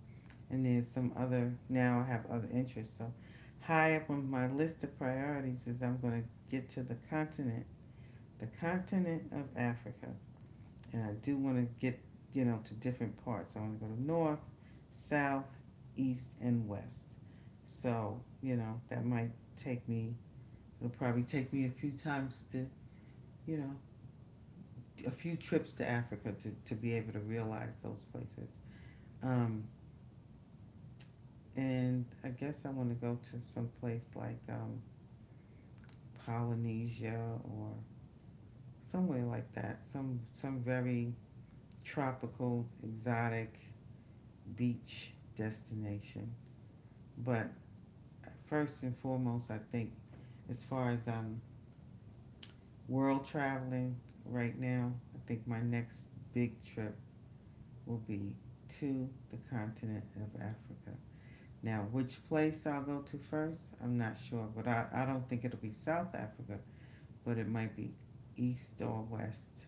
Speaker 2: and there's some other, now I have other interests. So high up on my list of priorities is I'm going to get to the continent of Africa, and I do want to get, you know, to different parts. I want to go to north, south, east, and west. So you know that might take me. It'll probably take me a few times to, you know, a few trips to Africa to be able to realize those places. Um, and I guess I want to go to some place like, Polynesia or somewhere like that. Some very tropical, exotic beach destination. But first and foremost, I think, as far as, world traveling right now, I think my next big trip will be to the continent of Africa. Now, which place I'll go to first, I'm not sure, but I don't think it'll be South Africa, but it might be East or West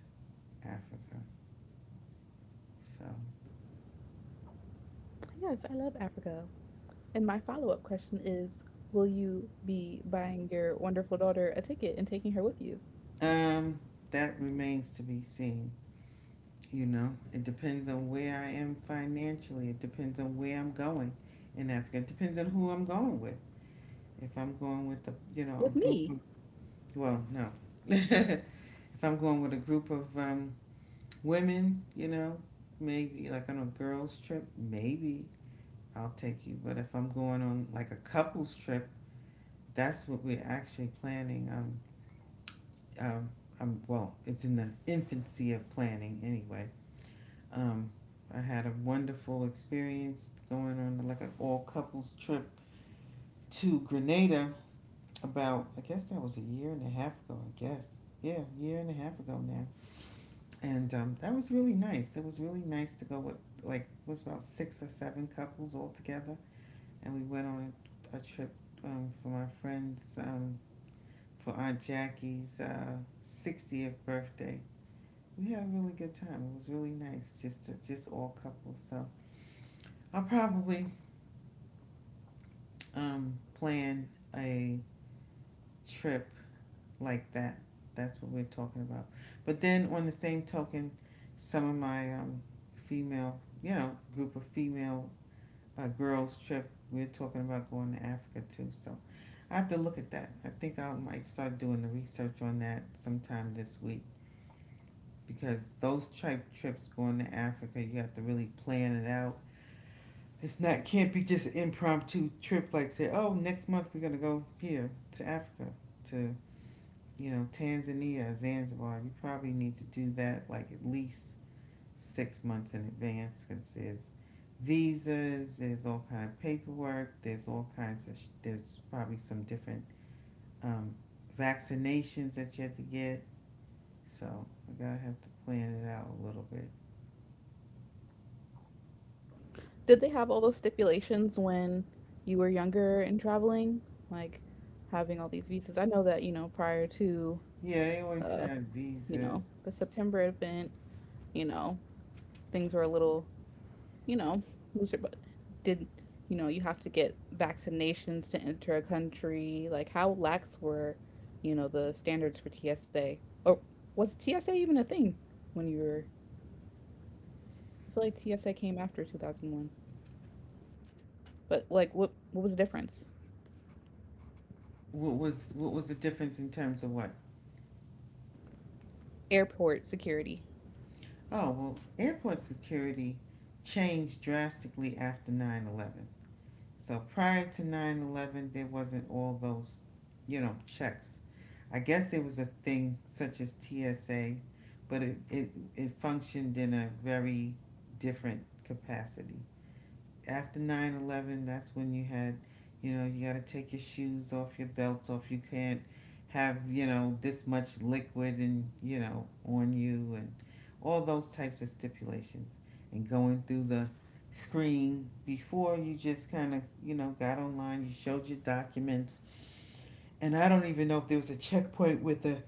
Speaker 2: Africa. So,
Speaker 1: Yes, I love Africa. And my follow up question is, will you be buying your wonderful daughter a ticket and taking her with you?
Speaker 2: um, that remains to be seen. You know, it depends on where I am financially. It depends on where I'm going in Africa. It depends on who I'm going with. If I'm going with a, you know,
Speaker 1: With
Speaker 2: a group
Speaker 1: me?
Speaker 2: of, well no, if I'm going with a group of, women, you know, maybe like on a girls trip, maybe I'll take you. But if I'm going on like a couples trip, that's what we're actually planning. Um, well, it's in the infancy of planning anyway. Um, I had a wonderful experience going on like an all couples trip to Grenada about, I guess that was a year and a half ago, I guess. Yeah, a year and a half ago now. And That was really nice. It was really nice to go with, like it was about six or seven couples all together, and we went on a trip, for my friend's, for Aunt Jackie's 60th birthday. We had a really good time. It was really nice just to just all couples. So I'll probably, plan a trip like that. That's what we're talking about. But then, on the same token, some of my, female, you know, group of female, girls trip, we're talking about going to Africa too. So I have to look at that. I think I might start doing the research on that sometime this week because those trips going to Africa, you have to really plan it out. It's not, can't be just an impromptu trip like say, oh, next month we're gonna go here to Africa to, you know, Tanzania or Zanzibar, you probably need to do that like at least 6 months in advance because there's visas, there's all kind of paperwork, there's all kinds of, there's probably some different, um, vaccinations that you have to get. So I gotta have to plan it out a little bit.
Speaker 1: Did they have all those stipulations when you were younger and traveling? Like having all these visas? I know that, prior to,
Speaker 2: Yeah, they always
Speaker 1: uh,
Speaker 2: had visas.
Speaker 1: the September event, you know, things were a little you know, loser, but did you know you have to get vaccinations to enter a country? Like, how lax were, the standards for TSA? Or was TSA even a thing when you were? I feel like TSA came after 2001, but like, what was the difference?
Speaker 2: What was, what was the difference in terms of what?
Speaker 1: Airport security.
Speaker 2: Oh well, airport security changed drastically after 9/11. So prior to 9/11, there wasn't all those, you know, checks. I guess there was a thing such as TSA, but it functioned in a very different capacity. After 9/11, that's when you had, you know, you got to take your shoes off, your belts off, you can't have, you know, this much liquid and, you know, on you, and all those types of stipulations, and going through the screen before, you just kind of, you know, got online, you showed your documents, and I don't even know if there was a checkpoint with a,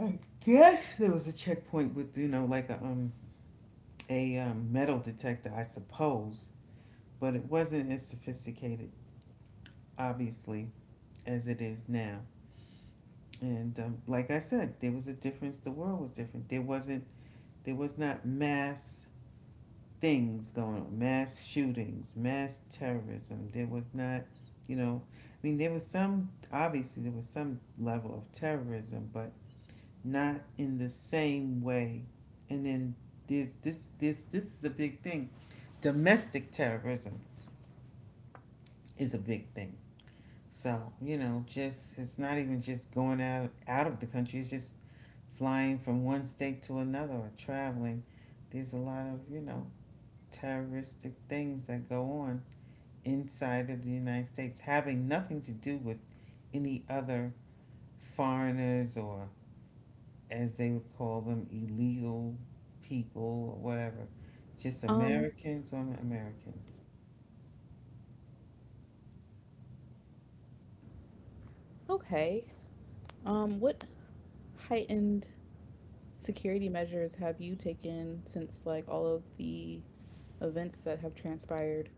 Speaker 2: I guess there was a checkpoint with, you know, like a, metal detector, I suppose, but it wasn't as sophisticated, obviously, as it is now. And Like I said, there was a difference. The world was different. There wasn't. There was not mass things going on. Mass shootings. Mass terrorism. There was not. You know, I mean, there was some. Obviously, there was some level of terrorism, but not in the same way. And then there's this. This. This is a big thing. Domestic terrorism is a big thing. So you know, just it's not even just going out out of the country. It's just flying from one state to another or traveling. There's a lot of, you know, terroristic things that go on inside of the United States having nothing to do with any other foreigners or, as they would call them, illegal people or whatever. Just
Speaker 1: Um.
Speaker 2: Americans on Americans.
Speaker 1: Okay. What heightened security measures have you taken since like all of the events that have transpired?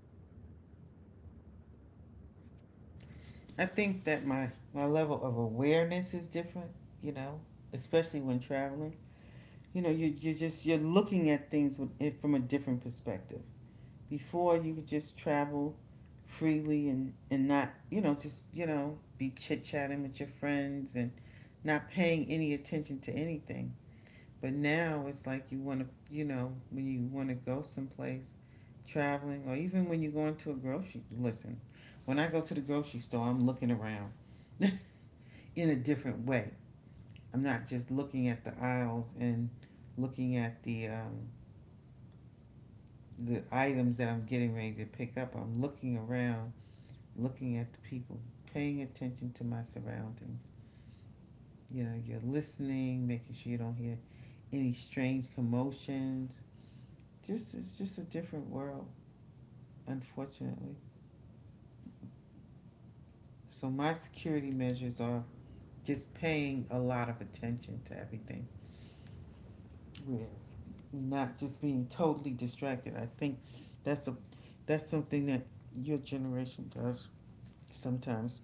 Speaker 2: I think that my level of awareness is different, you know, especially when traveling. You know, you're looking at things with, it from a different perspective. Before you could just travel freely and not, you know, just, you know, be chit chatting with your friends and not paying any attention to anything. But now it's like you want to, you know, when you want to go someplace traveling or even when you're going to a grocery, listen, when I go to the grocery store, I'm looking around in a different way. I'm not just looking at the aisles and looking at the, the items that I'm getting ready to pick up. I'm looking around looking at the people, paying attention to my surroundings. You know, you're listening, making sure you don't hear any strange commotions. Just it's just a different world, unfortunately. So my security measures are just paying a lot of attention to everything. Yeah, not just being totally distracted. I think that's a that's something that your generation does sometimes,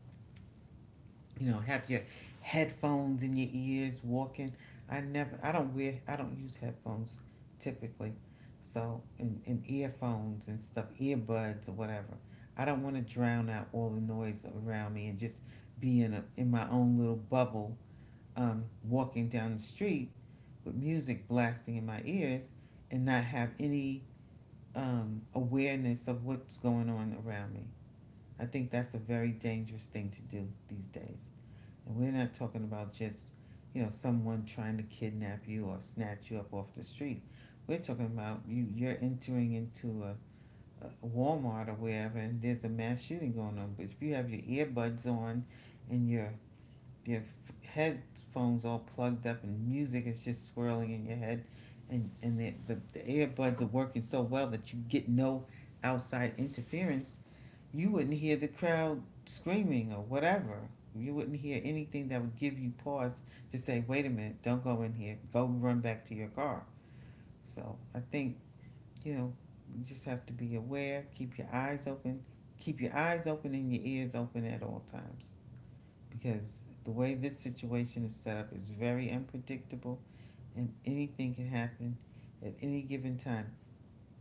Speaker 2: you know, have your headphones in your ears walking. I don't wear, I don't use headphones typically. So, and earphones and stuff, earbuds or whatever. I don't want to drown out all the noise around me and just be in my own little bubble, walking down the street with music blasting in my ears and not have any awareness of what's going on around me. I think that's a very dangerous thing to do these days. And we're not talking about just, you know, someone trying to kidnap you or snatch you up off the street. We're talking about you're entering into a Walmart or wherever, and there's a mass shooting going on. But if you have your earbuds on and your headphones all plugged up and music is just swirling in your head, and the earbuds are working so well that you get no outside interference, you wouldn't hear the crowd screaming or whatever. You wouldn't hear anything that would give you pause to say, wait a minute, don't go in here, go run back to your car. So I think, you know, you just have to be aware. Keep your eyes open, keep your eyes open and your ears open at all times, because the way this situation is set up is very unpredictable, and anything can happen at any given time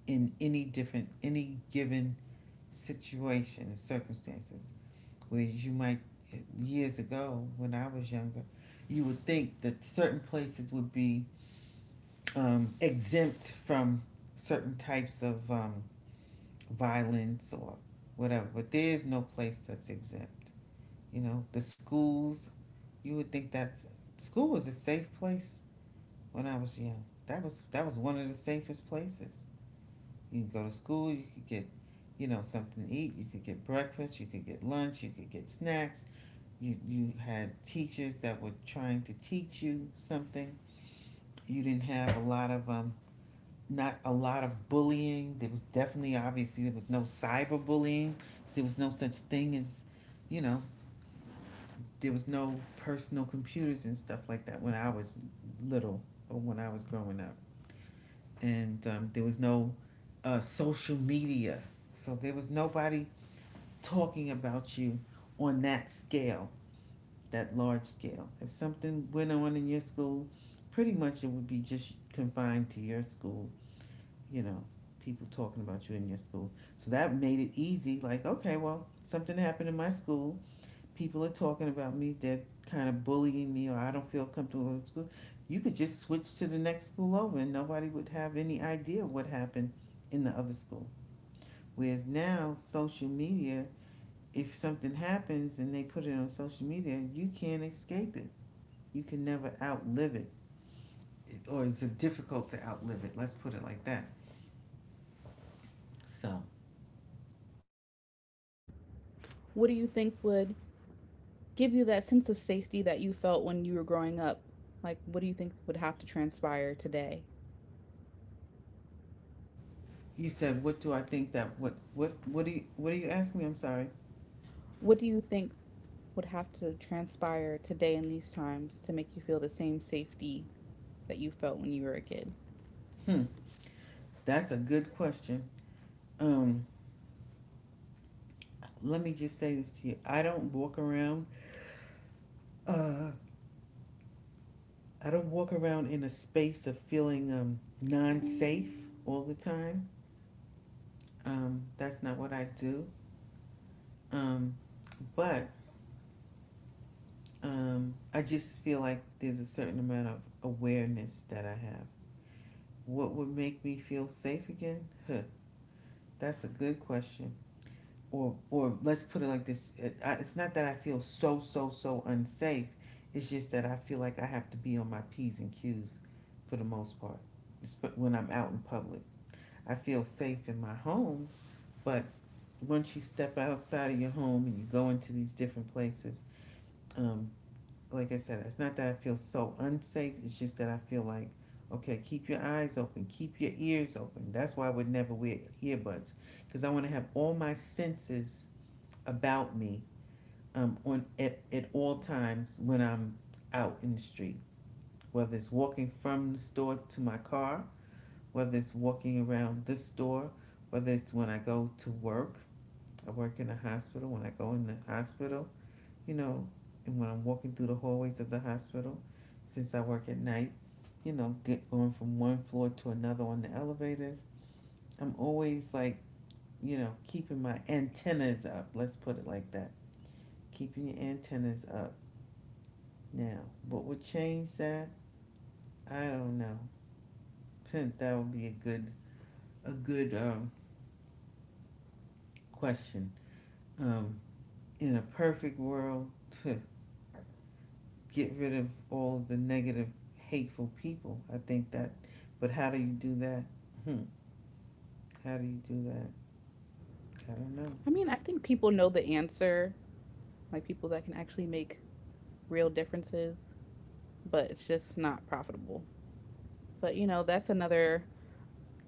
Speaker 2: in any given situation and circumstances. Whereas years ago when I was younger, you would think that certain places would be exempt from certain types of violence or whatever, but there is no place that's exempt. You know, the schools, you would think that's school was a safe place when I was young. That was one of the safest places. You can go to school, you could get, you know, something to eat. You could get breakfast, you could get lunch, you could get snacks. You had teachers that were trying to teach you something. You didn't have a lot of not a lot of bullying. There was definitely, obviously, there was no cyberbullying. There was no such thing as, you know, there was no personal computers and stuff like that when I was little, or when I was growing up. And there was no social media. So there was nobody talking about you on that scale. That large scale. If something went on in your school, pretty much it would be just confined to your school, you know, people talking about you in your school. So that made it easy. Like, okay, well, something happened in my school. People are talking about me. They're kind of bullying me, or I don't feel comfortable in school. You could just switch to the next school over, and nobody would have any idea what happened in the other school. Whereas now, social media, if something happens and they put it on social media, you can't escape it. You can never outlive it, or it's difficult to outlive it. Let's put it like that. So
Speaker 1: What do you think would give you that sense of safety that you felt when you were growing up? Like, what do you think would have to transpire today?
Speaker 2: you said, what do I think that what do you what are you asking me? I'm sorry.
Speaker 1: What do you think would have to transpire today in these times to make you feel the same safety that you felt when you were a kid?
Speaker 2: Hmm, that's a good question. Um, Let me just say this to you. Uh, I don't walk around in a space of feeling non-safe all the time. That's not what I do. Um, but I just feel like there's a certain amount of awareness that I have. What would make me feel safe again? Huh, that's a good question. Or let's put it like this: it's not that I feel so unsafe. It's just that I feel like I have to be on my p's and q's for the most part. When I'm out in public, I feel safe in my home, but once you step outside of your home and you go into these different places, um, like I said, it's not that I feel so unsafe. It's just that I feel like, okay, keep your eyes open, keep your ears open. That's why I would never wear earbuds, because I want to have all my senses about me, on at all times when I'm out in the street, whether it's walking from the store to my car, whether it's walking around this store, whether it's when I go to work. I work in a hospital. When I go in the hospital, you know, and when I'm walking through the hallways of the hospital, since I work at night, you know, get going from one floor to another on the elevators, I'm always like, you know, keeping my antennas up. Let's put it like that. Keeping your antennas up. Now, what would change that? I don't know. That would be a good a good um, question. Um, in a perfect world, get rid of all the negative, hateful people. I think that, but how do you do that? Hmm. How do you do that? I don't know.
Speaker 1: I mean, I think people know the answer, like people that can actually make real differences, but it's just not profitable. But you know, that's another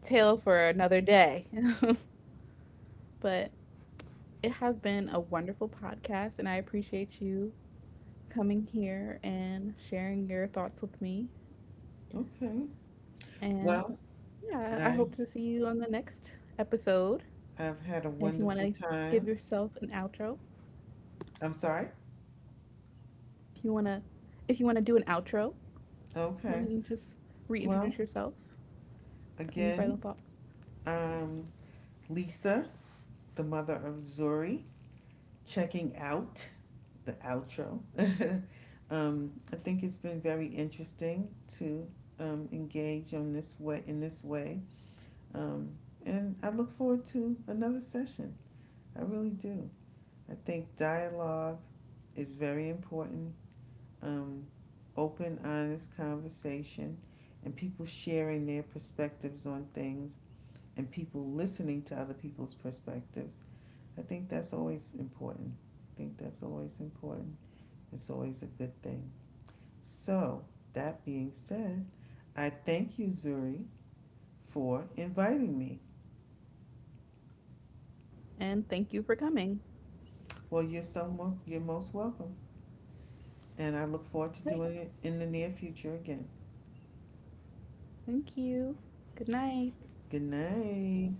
Speaker 1: tale for another day. but it has been a wonderful podcast, and I appreciate you coming here and sharing your thoughts with me.
Speaker 2: Okay.
Speaker 1: And
Speaker 2: Well,
Speaker 1: yeah, I
Speaker 2: I
Speaker 1: hope to see you on the next episode.
Speaker 2: I've had a
Speaker 1: And if you want
Speaker 2: wonderful
Speaker 1: to give
Speaker 2: time.
Speaker 1: yourself an outro,
Speaker 2: I'm sorry.
Speaker 1: if you want to, if you want to do an outro, you
Speaker 2: Okay.
Speaker 1: can just
Speaker 2: Well,
Speaker 1: reintroduce yourself. Any final
Speaker 2: again,
Speaker 1: thoughts?
Speaker 2: um, Lisa, the mother of Zuri, checking out the outro. I think it's been very interesting to engage on this way in this way. Um, and I look forward to another session. I really do. I think dialogue is very important. Um, Open, honest conversation, and people sharing their perspectives on things, and people listening to other people's perspectives. I think that's always important. I think that's always important. It's always a good thing. So, that being said, I thank you, Zuri, for inviting me.
Speaker 1: And thank you for coming.
Speaker 2: Well, you're you're most welcome, and I look forward to
Speaker 1: Right.
Speaker 2: doing it in the near future again.
Speaker 1: Thank you. Good night.
Speaker 2: Good night.